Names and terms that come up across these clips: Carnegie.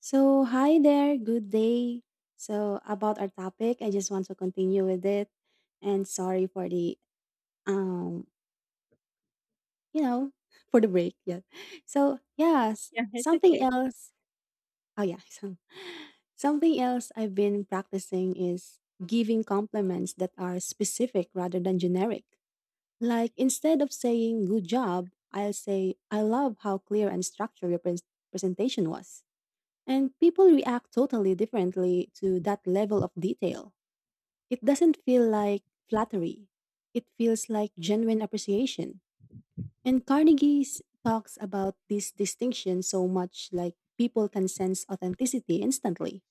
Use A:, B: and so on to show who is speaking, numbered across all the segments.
A: So, hi there, good day. So, about our topic, I just want to continue with it. And sorry for the, um, you know, for the break. Yeah. So, yes,
B: Yeah, it's
A: something
B: okay.
A: else. Oh, yeah. So, something else I've been practicing is giving compliments that are specific rather than generic. Like, instead of saying good job, I'll say, I love how clear and structured your presentation was. And people react totally differently to that level of detail. It doesn't feel like flattery, it feels like genuine appreciation. And Carnegie talks about this distinction so much, like people can sense authenticity instantly.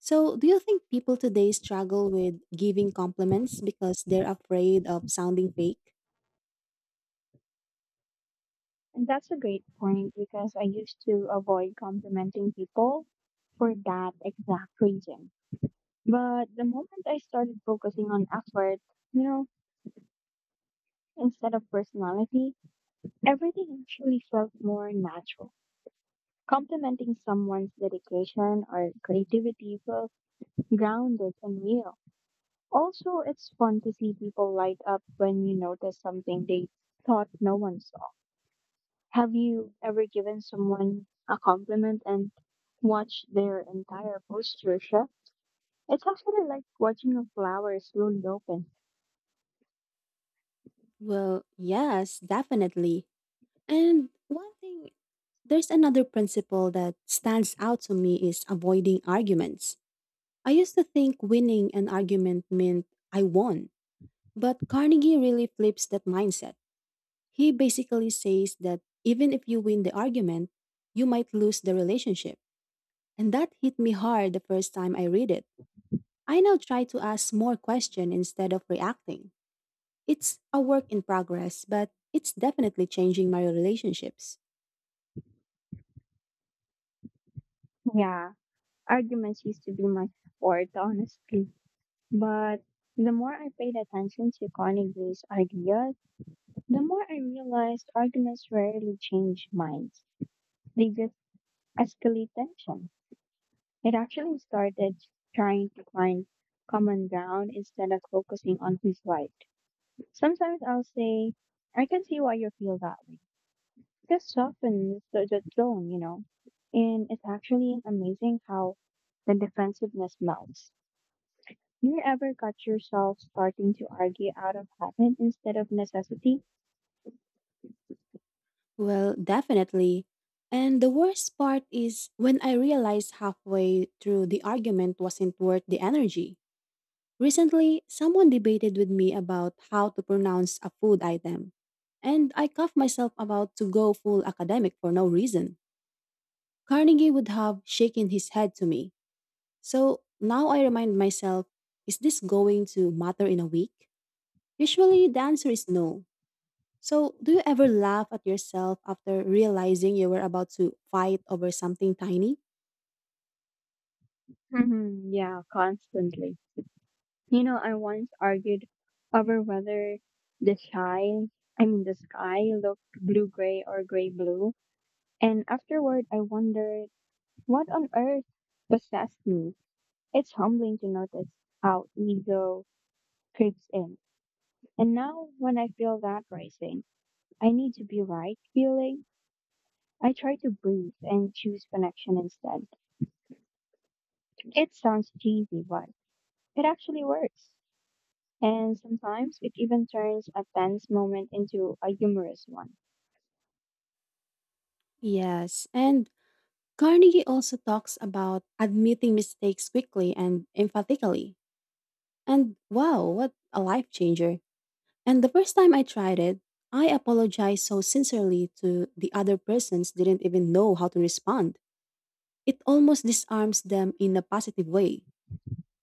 A: So, do you think people today struggle with giving compliments because they're afraid of sounding fake?
B: And that's a great point because I used to avoid complimenting people for that exact reason. But the moment I started focusing on effort, you know, instead of personality, everything actually felt more natural. Complimenting someone's dedication or creativity feels grounded and real. Also, it's fun to see people light up when you notice something they thought no one saw. Have you ever given someone a compliment and watched their entire posture shift? It's actually like watching a flower slowly open.
A: Well, yes, definitely. And one thing there's another principle that stands out to me is avoiding arguments. I used to think winning an argument meant I won, but Carnegie really flips that mindset. He basically says that even if you win the argument, you might lose the relationship. And that hit me hard the first time I read it. I now try to ask more questions instead of reacting. It's a work in progress, but it's definitely changing my relationships.
B: Yeah, arguments used to be my sport, honestly. But the more I paid attention to Carnegie's ideas, the more I realized arguments rarely change minds. They just escalate tension. It actually started trying to find common ground instead of focusing on who's right. Sometimes I'll say, I can see why you feel that way. Just soften the tone, you know. And it's actually amazing how the defensiveness melts. You ever got yourself starting to argue out of habit instead of necessity?
A: Well, definitely. And the worst part is when I realized halfway through the argument wasn't worth the energy. Recently, someone debated with me about how to pronounce a food item, and I cuffed myself about to go full academic for no reason. Carnegie would have shaken his head to me. So now I remind myself, is this going to matter in a week? Usually the answer is no, so, do you ever laugh at yourself after realizing you were about to fight over something tiny?
B: Yeah, constantly. You know, I once argued over whether the sky, the sky looked blue gray or gray blue. And afterward, I wondered what on earth possessed me. It's humbling to notice how ego creeps in. And now, when I feel that rising, I need to be right feeling, I try to breathe and choose connection instead. It sounds cheesy, but it actually works. And sometimes it even turns a tense moment into a humorous one.
A: Yes. And Carnegie also talks about admitting mistakes quickly and emphatically. And wow, what a life changer. And the first time I tried it, I apologized so sincerely to the other persons didn't even know how to respond. It almost disarms them in a positive way.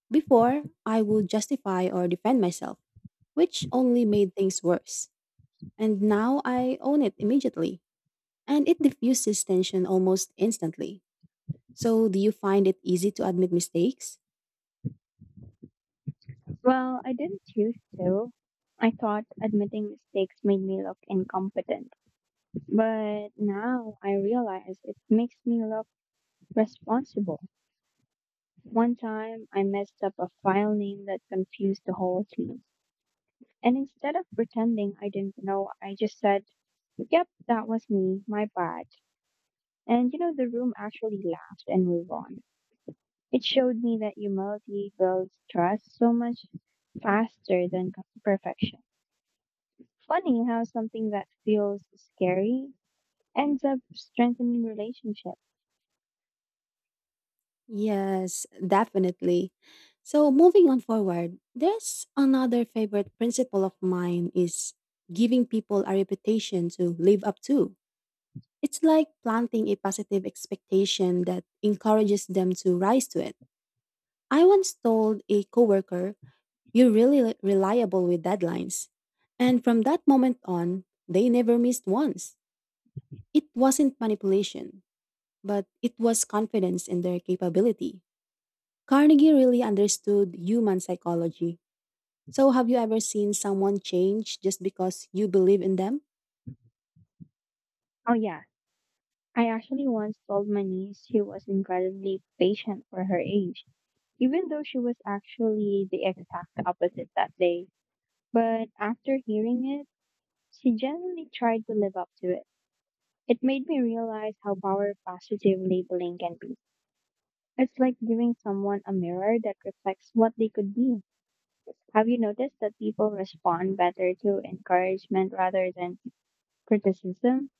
A: Before, I would justify or defend myself, which only made things worse. And now I own it immediately, and it diffuses tension almost instantly. So, do you find it easy to admit mistakes?
B: Well, I didn't choose to. I thought admitting mistakes made me look incompetent. But now I realize it makes me look responsible. One time I messed up a file name that confused the whole team. And instead of pretending I didn't know, I just said, Yep, that was me, my bad. And you know, the room actually laughed and moved on. It showed me that humility builds trust so much faster than perfection. Funny how something that feels scary ends up strengthening relationships.
A: Yes, definitely. So, moving on forward, there's another favorite principle of mine is giving people a reputation to live up to. It's like planting a positive expectation that encourages them to rise to it. I once told a coworker, you're really reliable with deadlines. And from that moment on, they never missed once. It wasn't manipulation, but it was confidence in their capability. Carnegie really understood human psychology. So, have you ever seen someone change just because you believe in them?
B: Oh, yeah. I actually once told my niece she was incredibly patient for her age even though she was actually the exact opposite that day. But after hearing it, she genuinely tried to live up to it. It made me realize how power positive labeling can be. It's like giving someone a mirror that reflects what they could be. Have you noticed that people respond better to encouragement rather than criticism?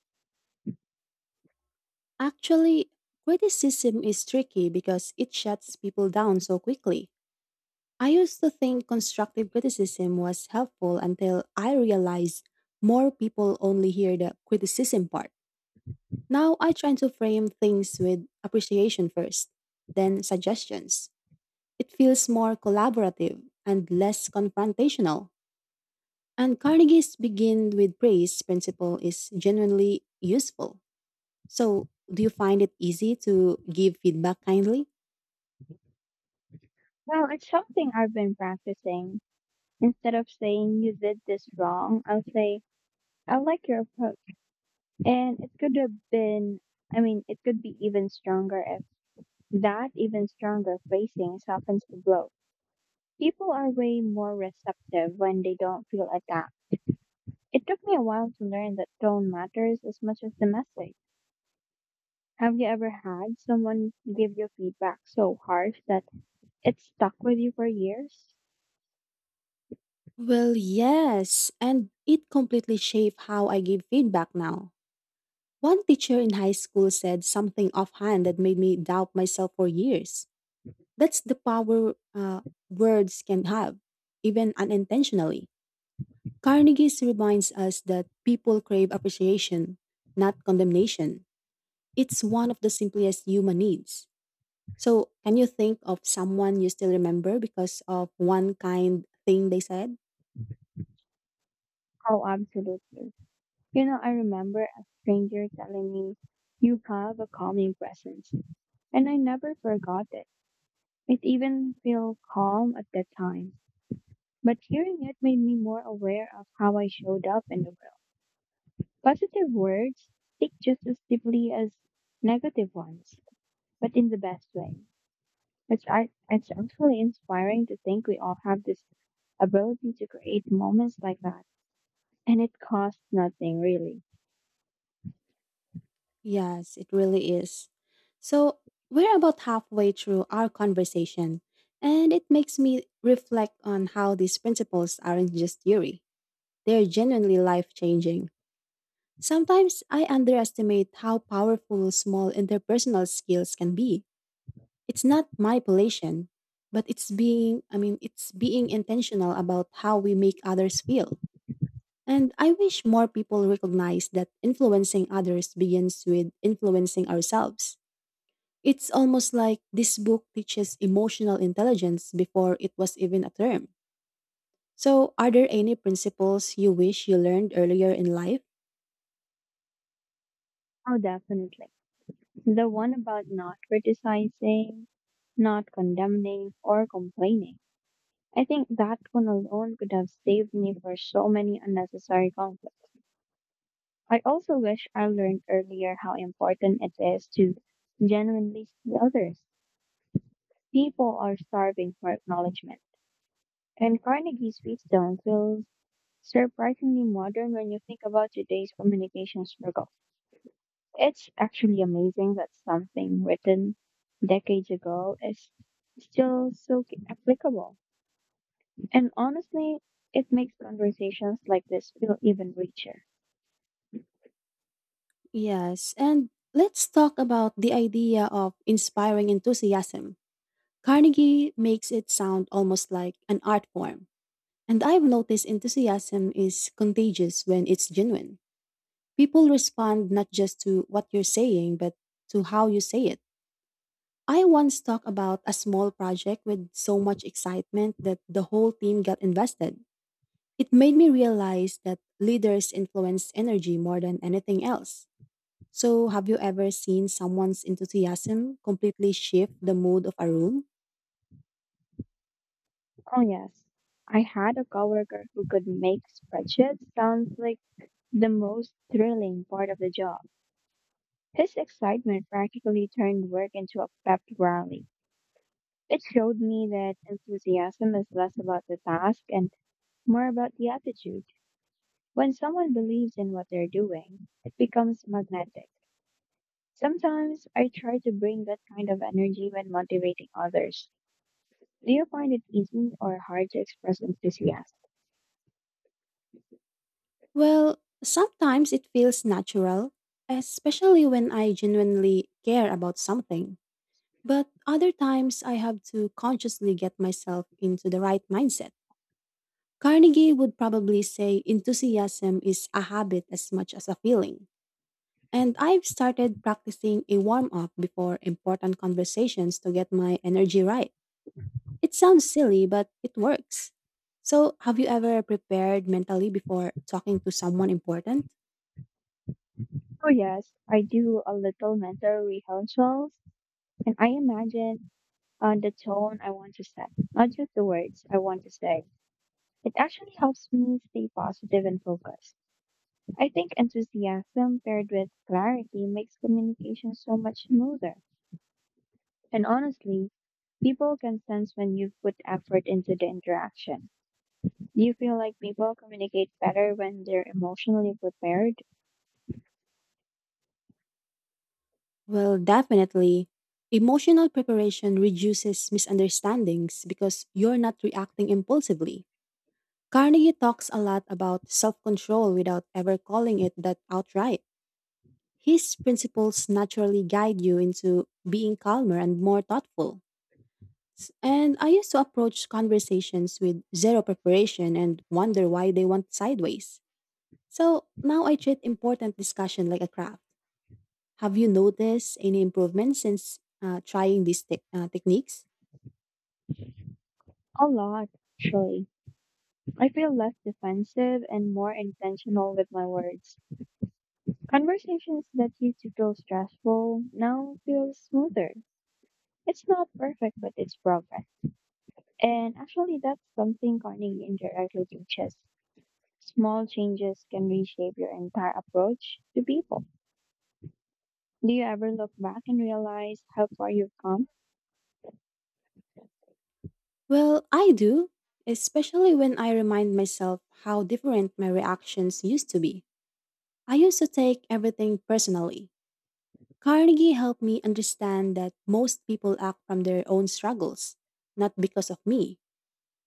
A: Actually, criticism is tricky because it shuts people down so quickly. I used to think constructive criticism was helpful until I realized more people only hear the criticism part. Now I try to frame things with appreciation first, then suggestions. It feels more collaborative and less confrontational. And Carnegie's begin with praise principle is genuinely useful. So, do you find it easy to give feedback kindly?
B: Well, it's something I've been practicing. Instead of saying you did this wrong, I'll say I like your approach. And it could have been, I mean, It could be even stronger if that even stronger phrasing softens the blow. People are way more receptive when they don't feel attacked. It took me a while to learn that tone matters as much as the message. Have you ever had someone give you feedback so harsh that it stuck with you for years?
A: Well, yes, and it completely shaped how I give feedback now. One teacher in high school said something offhand that made me doubt myself for years. That's the power words can have, even unintentionally. Carnegie reminds us that people crave appreciation, not condemnation. It's one of the simplest human needs. So, can you think of someone you still remember because of one kind thing they said?
B: Oh, absolutely. You know, I remember a stranger telling me, you have a calming presence. And I never forgot it. It even feel calm at that time. But hearing it made me more aware of how I showed up in the world. Positive words stick just as deeply as negative ones, but in the best way. It's actually inspiring to think we all have this ability to create moments like that. And it costs nothing, really.
A: Yes, it really is. So, we're about halfway through our conversation, and it makes me reflect on how these principles aren't just theory, they're genuinely life changing. Sometimes I underestimate how powerful small interpersonal skills can be. It's not manipulation, but it's being intentional about how we make others feel. And I wish more people recognize that influencing others begins with influencing ourselves. It's almost like this book teaches emotional intelligence before it was even a term. So, are there any principles you wish you learned earlier in life?
B: Oh, definitely. The one about not criticizing, not condemning, or complaining. I think that one alone could have saved me for so many unnecessary conflicts. I also wish I learned earlier how important it is to genuinely see others. People are starving for acknowledgement, and Carnegie's Wheatstone feels surprisingly modern when you think about today's communication struggle. It's actually amazing that something written decades ago is still so applicable. And honestly, it makes conversations like this feel even richer.
A: Yes, and let's talk about the idea of inspiring enthusiasm. Carnegie makes it sound almost like an art form, and I've noticed enthusiasm is contagious when it's genuine. People respond not just to what you're saying, but to how you say it. I once talked about a small project with so much excitement that the whole team got invested. It made me realize that leaders influence energy more than anything else. So, have you ever seen someone's enthusiasm completely shift the mood of a room?
B: Oh, yes. I had a coworker who could make spreadsheets sound like the most thrilling part of the job. His excitement practically turned work into a pep rally. It showed me that enthusiasm is less about the task and more about the attitude. When someone believes in what they're doing, it becomes magnetic. Sometimes I try to bring that kind of energy when motivating others. Do you find it easy or hard to express enthusiasm?
A: Well, sometimes it feels natural, especially when I genuinely care about something. But other times I have to consciously get myself into the right mindset. Carnegie would probably say enthusiasm is a habit as much as a feeling. And I've started practicing a warm up before important conversations to get my energy right. It sounds silly, but it works. So, have you ever prepared mentally before talking to someone important?
B: Oh, yes, I do a little mental rehearsals and I imagine the tone I want to set, not just the words I want to say. It actually helps me stay positive and focused. I think enthusiasm paired with clarity makes communication so much smoother. And honestly, people can sense when you've put effort into the interaction. Do you feel like people communicate better when they're emotionally prepared?
A: Well, definitely. Emotional preparation reduces misunderstandings because you're not reacting impulsively. Carnegie talks a lot about self control without ever calling it that outright. His principles naturally guide you into being calmer and more thoughtful. And I used to approach conversations with zero preparation and wonder why they went sideways. So now I treat important discussion like a craft. Have you noticed any improvement since trying these techniques?
B: A lot, actually. I feel less defensive and more intentional with my words. Conversations that used to feel stressful now feel smoother. It's not perfect, but it's progress. And actually, that's something Corning indirectly teaches. Small changes can reshape your entire approach to people. Do you ever look back and realize how far you've come?
A: Well, I do, especially when I remind myself how different my reactions used to be. I used to take everything personally. Carnegie helped me understand that most people act from their own struggles, not because of me.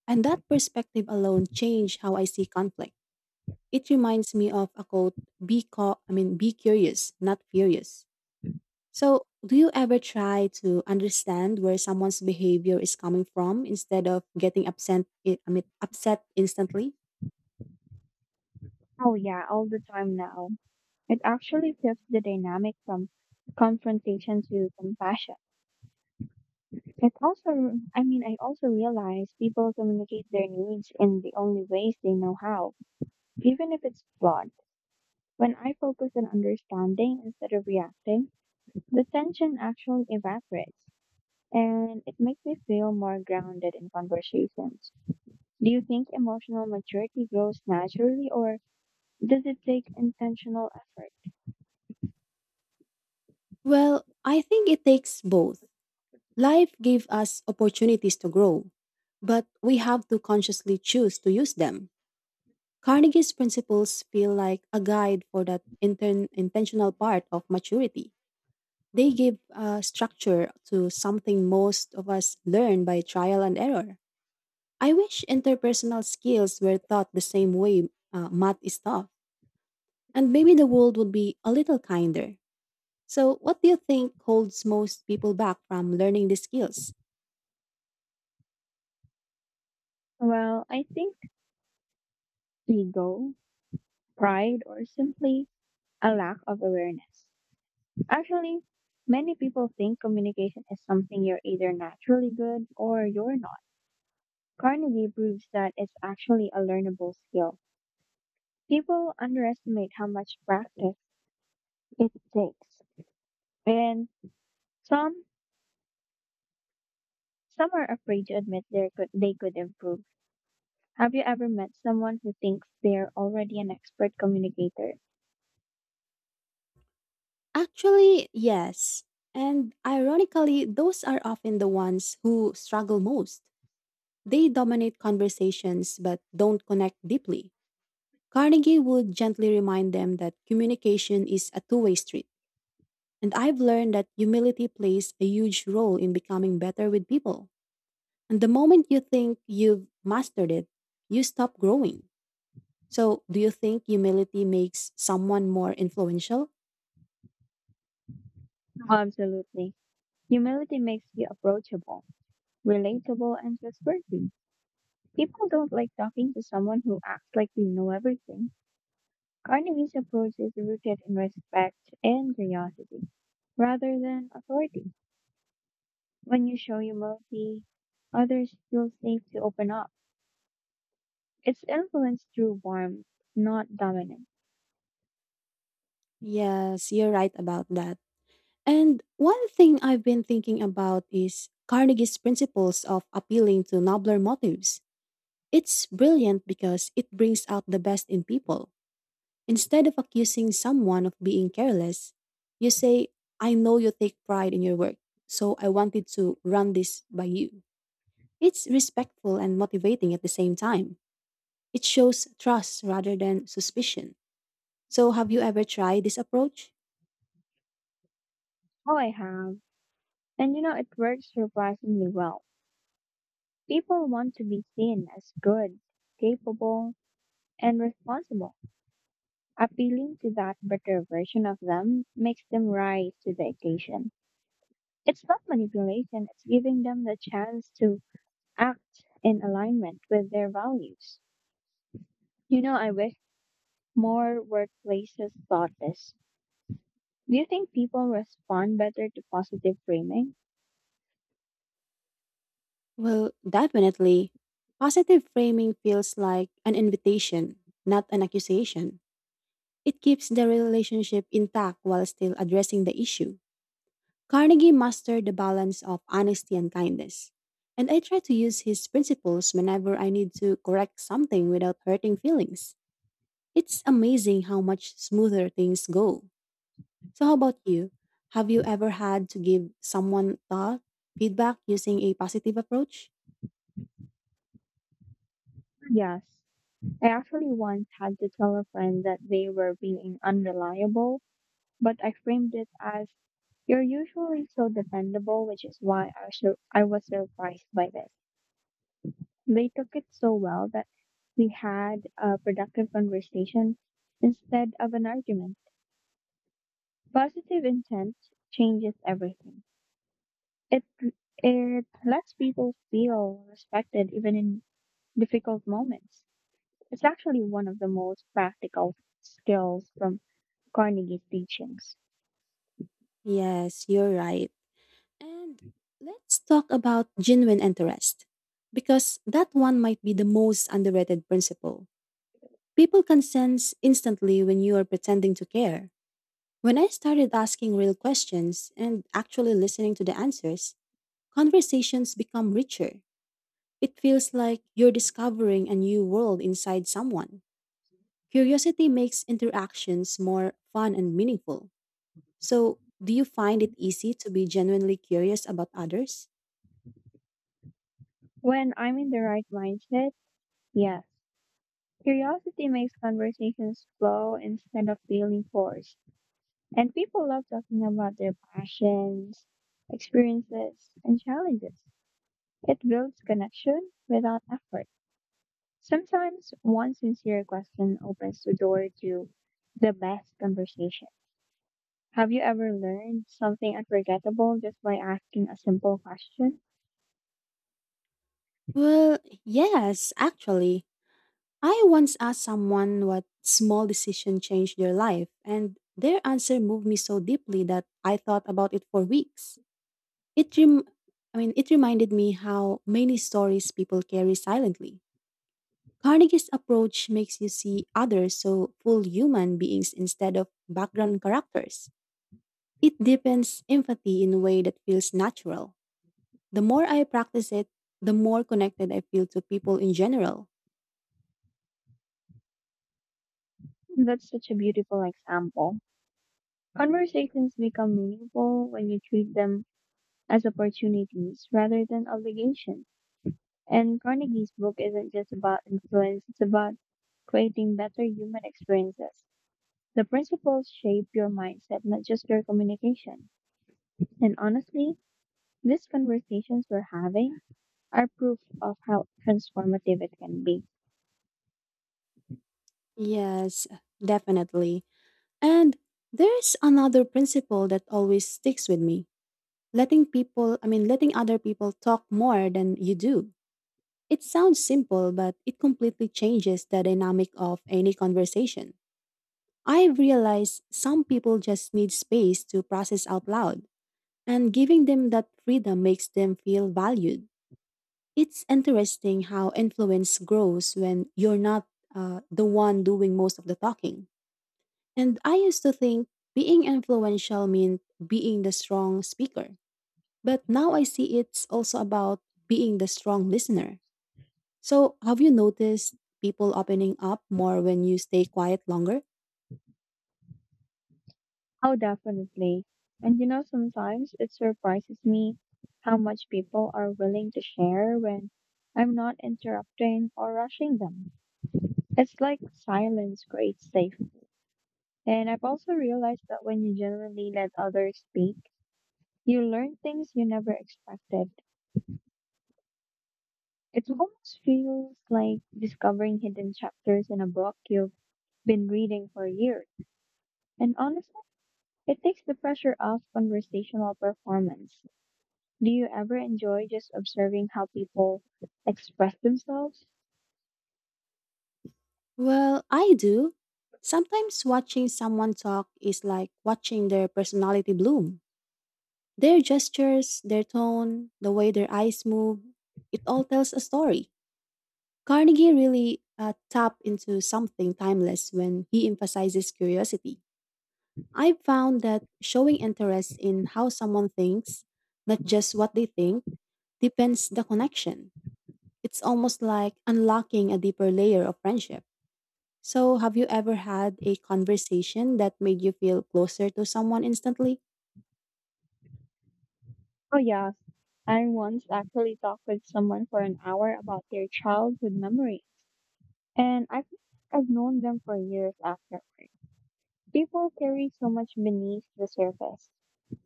A: And that perspective alone changed how I see conflict. It reminds me of a quote, be co- I mean be curious, not furious. So, do you ever try to understand where someone's behavior is coming from instead of getting upset instantly?
B: Oh, yeah, all the time now. It actually flips the dynamic from confrontation to compassion. It also, I mean, I also realize people communicate their needs in the only ways they know how, even if it's flawed. When I focus on understanding instead of reacting, the tension actually evaporates and it makes me feel more grounded in conversations. Do you think emotional maturity grows naturally or does it take intentional effort?
A: Well, I think it takes both. Life gave us opportunities to grow, but we have to consciously choose to use them. Carnegie's principles feel like a guide for that intern intentional part of maturity. They give a structure to something most of us learn by trial and error. I wish interpersonal skills were taught the same way math is taught, and maybe the world would be a little kinder. So, what do you think holds most people back from learning these skills?
B: Well, I think ego pride, or simply a lack of awareness. Actually, many people think communication is something you're either naturally good or you're not. Carnegie proves that it's actually a learnable skill. People underestimate how much practice it takes, and some some are afraid to admit they could improve. Have you ever met someone who thinks they're already an expert communicator?
A: Actually, yes. And ironically, those are often the ones who struggle most. They dominate conversations but don't connect deeply. Carnegie would gently remind them that communication is a two-way street. And I've learned that humility plays a huge role in becoming better with people. And the moment you think you've mastered it, you stop growing. So, do you think humility makes someone more influential?
B: Absolutely. Humility makes you approachable, relatable, and trustworthy. People don't like talking to someone who acts like they know everything. Carnegie's approach is rooted in respect and curiosity, rather than authority. When you show humility, others feel safe to open up. It's influence through warmth, not dominance.
A: Yes, you're right about that. And one thing I've been thinking about is Carnegie's principles of appealing to nobler motives. It's brilliant because it brings out the best in people. Instead of accusing someone of being careless, you say, I know you take pride in your work, so I wanted to run this by you. It's respectful and motivating at the same time. It shows trust rather than suspicion. So, have you ever tried this approach?
B: Oh, I have. And you know, it works surprisingly well. People want to be seen as good, capable, and responsible. Appealing to that better version of them makes them rise to the occasion. It's not manipulation, it's giving them the chance to act in alignment with their values. You know, I wish more workplaces thought this. Do you think people respond better to positive framing?
A: Well, definitely. Positive framing feels like an invitation, not an accusation. It keeps the relationship intact while still addressing the issue. Carnegie mastered the balance of honesty and kindness. And I try to use his principles whenever I need to correct something without hurting feelings. It's amazing how much smoother things go. So, how about you? Have you ever had to give someone feedback using a positive approach?
B: Yes. I actually once had to tell a friend that they were being unreliable, but I framed it as you're usually so dependable, which is why I was surprised by this. They took it so well that we had a productive conversation instead of an argument. Positive intent changes everything. It it lets people feel respected even in difficult moments. It's actually one of the most practical skills from Carnegie's teachings.
A: Yes, you're right. And let's talk about genuine interest, because that one might be the most underrated principle. People can sense instantly when you are pretending to care. When I started asking real questions and actually listening to the answers, conversations become richer. It feels like you're discovering a new world inside someone. Curiosity makes interactions more fun and meaningful. So, do you find it easy to be genuinely curious about others?
B: When I'm in the right mindset, yes, curiosity makes conversations flow instead of feeling forced. And people love talking about their passions, experiences, and challenges. It builds connection without effort. Sometimes one sincere question opens the door to the best conversation. Have you ever learned something unforgettable just by asking a simple question?
A: Well, yes, actually. I once asked someone what small decision changed their life, and their answer moved me so deeply that I thought about it for weeks. It rem- it reminded me how many stories people carry silently. Carnegie's approach makes you see others so full human beings instead of background characters. It deepens empathy in a way that feels natural. The more I practice it, the more connected I feel to people in general.
B: That's such a beautiful example. Conversations become meaningful when you treat them as opportunities rather than obligations. And Carnegie's book isn't just about influence, it's about creating better human experiences. The principles shape your mindset, not just your communication. And honestly, these conversations we're having are proof of how transformative it can be.
A: Yes, definitely. And there's another principle that always sticks with me. Letting other people talk more than you do. It sounds simple, but it completely changes the dynamic of any conversation. I realize some people just need space to process out loud, and giving them that freedom makes them feel valued. It's interesting how influence grows when you're not the one doing most of the talking. And I used to think being influential meant being the strong speaker. But now I see it's also about being the strong listener. So, have you noticed people opening up more when you stay quiet longer?
B: How definitely. And you know, sometimes it surprises me how much people are willing to share when I'm not interrupting or rushing them. It's like silence creates safety. And I've also realized that when you genuinely let others speak, you learn things you never expected. It almost feels like discovering hidden chapters in a book you've been reading for years. And honestly, it takes the pressure off conversational performance. Do you ever enjoy just observing how people express themselves?
A: Well, I do. Sometimes watching someone talk is like watching their personality bloom. Their gestures, their tone, the way their eyes move, it all tells a story. Carnegie really tapped into something timeless when he emphasizes curiosity. I've found that showing interest in how someone thinks, not just what they think, depends the connection. It's almost like unlocking a deeper layer of friendship. So, have you ever had a conversation that made you feel closer to someone instantly?
B: Oh, yes. I once actually talked with someone for an hour about their childhood memories, and I think I've known them for years afterward. People carry so much beneath the surface,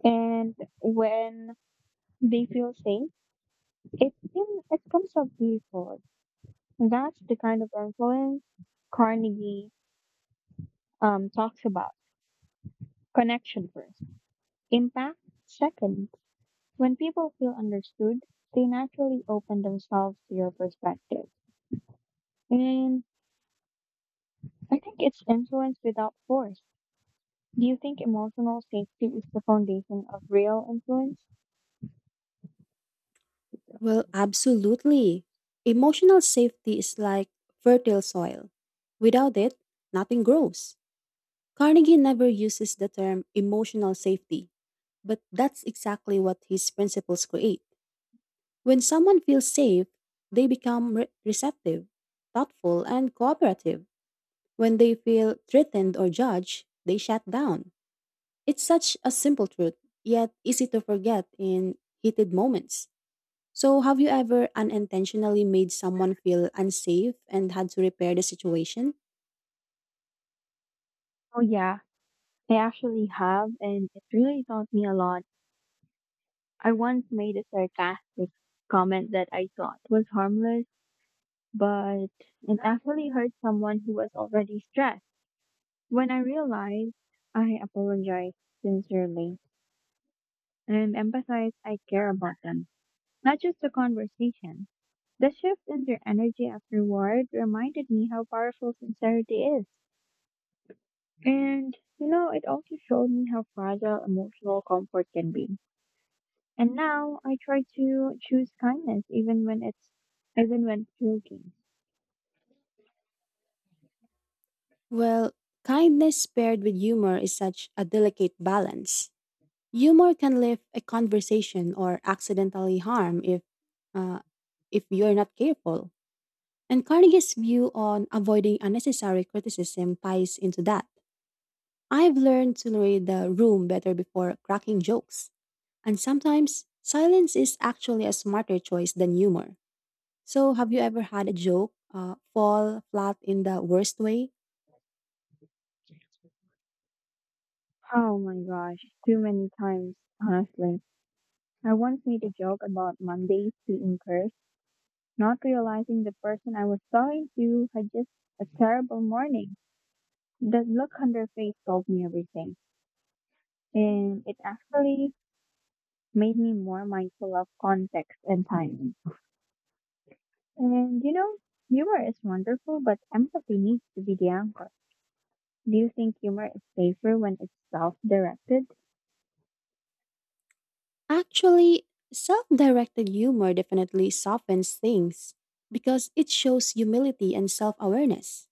B: and when they feel safe, it comes up beautiful. That's the kind of influence Carnegie talks about. Connection first, impact second. When people feel understood, they naturally open themselves to your perspective, and I think it's influence without force. Do you think emotional safety is the foundation of real influence?
A: Well, absolutely. Emotional safety is like fertile soil. Without it, nothing grows. Carnegie never uses the term emotional safety, but that's exactly what his principles create. When someone feels safe, they become receptive, thoughtful, and cooperative. When they feel threatened or judged, they shut down. It's such a simple truth, yet easy to forget in heated moments. So, have you ever unintentionally made someone feel unsafe and had to repair the situation?
B: Oh yeah, I actually have, and it really taught me a lot. I once made a sarcastic comment that I thought was harmless, but it actually hurt someone who was already stressed. When I realized, I apologized sincerely and emphasized I care about them, not just the conversation. The shift in their energy afterward reminded me how powerful sincerity is. And, you know, it also showed me how fragile emotional comfort can be. And now I try to choose kindness even when joking.
A: Well, kindness paired with humor is such a delicate balance. Humor can lift a conversation or accidentally harm uh, if you're not careful. And Carnegie's view on avoiding unnecessary criticism ties into that. I've learned to read the room better before cracking jokes. And sometimes silence is actually a smarter choice than humor. So, have you ever had a joke fall flat in the worst way?
B: Oh my gosh, too many times, honestly. I once made a joke about Mondays being cursed, not realizing the person I was talking to had just a terrible morning. That look on their face told me everything, and it actually made me more mindful of context and timing. And you know, humor is wonderful, but empathy needs to be the anchor. Do you think humor is safer when it's self directed?
A: Actually, self directed humor definitely softens things because it shows humility and self awareness.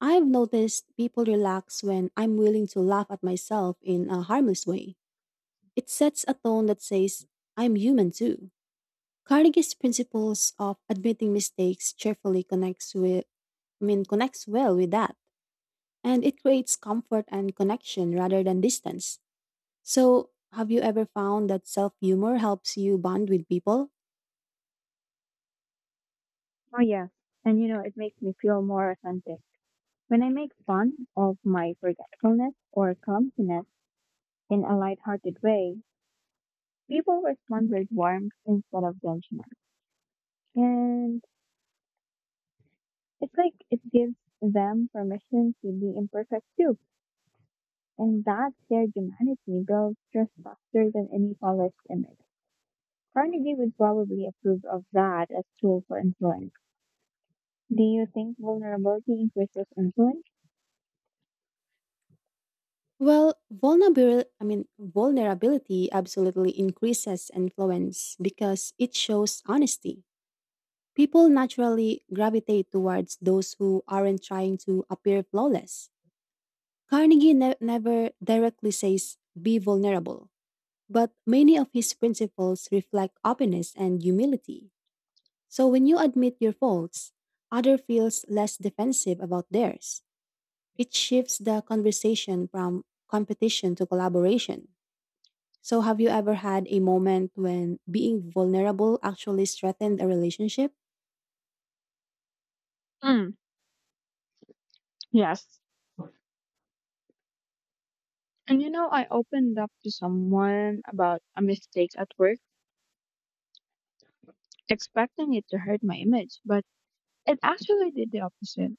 A: I've noticed people relax when I'm willing to laugh at myself in a harmless way. It sets a tone that says, I'm human too. Carnegie's principles of admitting mistakes cheerfully connects well with that, and it creates comfort and connection rather than distance. So, have you ever found that self humor helps you bond with people?
B: Oh, yes. And you know, it makes me feel more authentic. When I make fun of my forgetfulness or clumsiness in a lighthearted way, people respond with warmth instead of judgment. And it's like it gives them permission to be imperfect too. And that shared humanity builds trust faster than any polished image. Carnegie would probably approve of that as tool for influence. Do you think vulnerability increases influence?
A: Well, vulnerability absolutely increases influence because it shows honesty. People naturally gravitate towards those who aren't trying to appear flawless. Carnegie never directly says, be vulnerable, but many of his principles reflect openness and humility. So when you admit your faults, other feels less defensive about theirs. It shifts the conversation from competition to collaboration. So, have you ever had a moment when being vulnerable actually strengthened a relationship?
B: Mm, yes. And you know, I opened up to someone about a mistake at work, expecting it to hurt my image, but it actually did the opposite.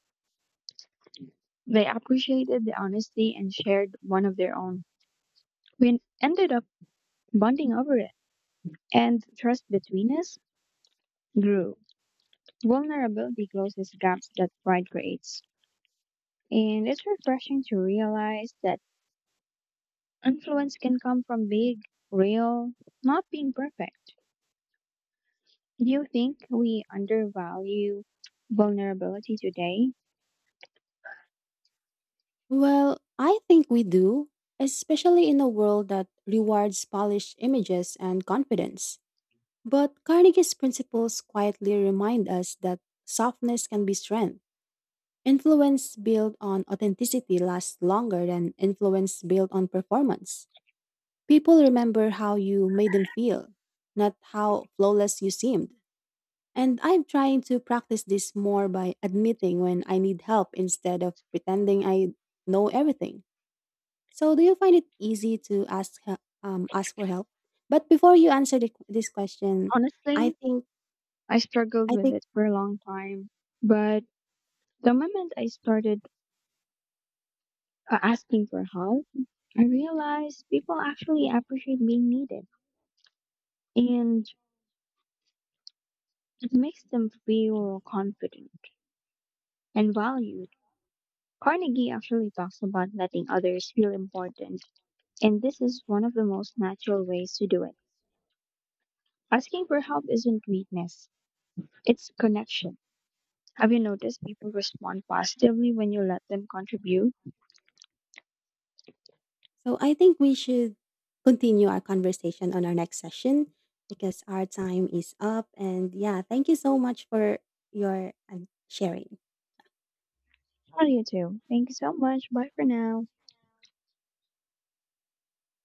B: They appreciated the honesty and shared one of their own. We ended up bonding over it, and trust between us grew. Vulnerability closes gaps that pride creates. And it's refreshing to realize that influence can come from being real, not being perfect. Do you think we undervalue vulnerability today?
A: Well, I think we do, especially in a world that rewards polished images and confidence. But Carnegie's principles quietly remind us that softness can be strength. Influence built on authenticity lasts longer than influence built on performance. People remember how you made them feel, not how flawless you seemed. And I'm trying to practice this more by admitting when I need help instead of pretending I know everything. So, do you find it easy to ask for help? But before you answer this question, I
B: Honestly,
A: think
B: I struggled
A: I
B: with
A: think
B: it for a long time, but the moment I started asking for help, I realized people actually appreciate being needed, and it makes them feel confident and valued. Carnegie actually talks about letting others feel important, and this is one of the most natural ways to do it. Asking for help isn't weakness, it's connection. Have you noticed people respond positively when you let them contribute?
A: so. I think we should continue our conversation on our next session because our time is up. And yeah, thank you so much for your sharing.
B: How do you too? Thank you so much. Bye for now.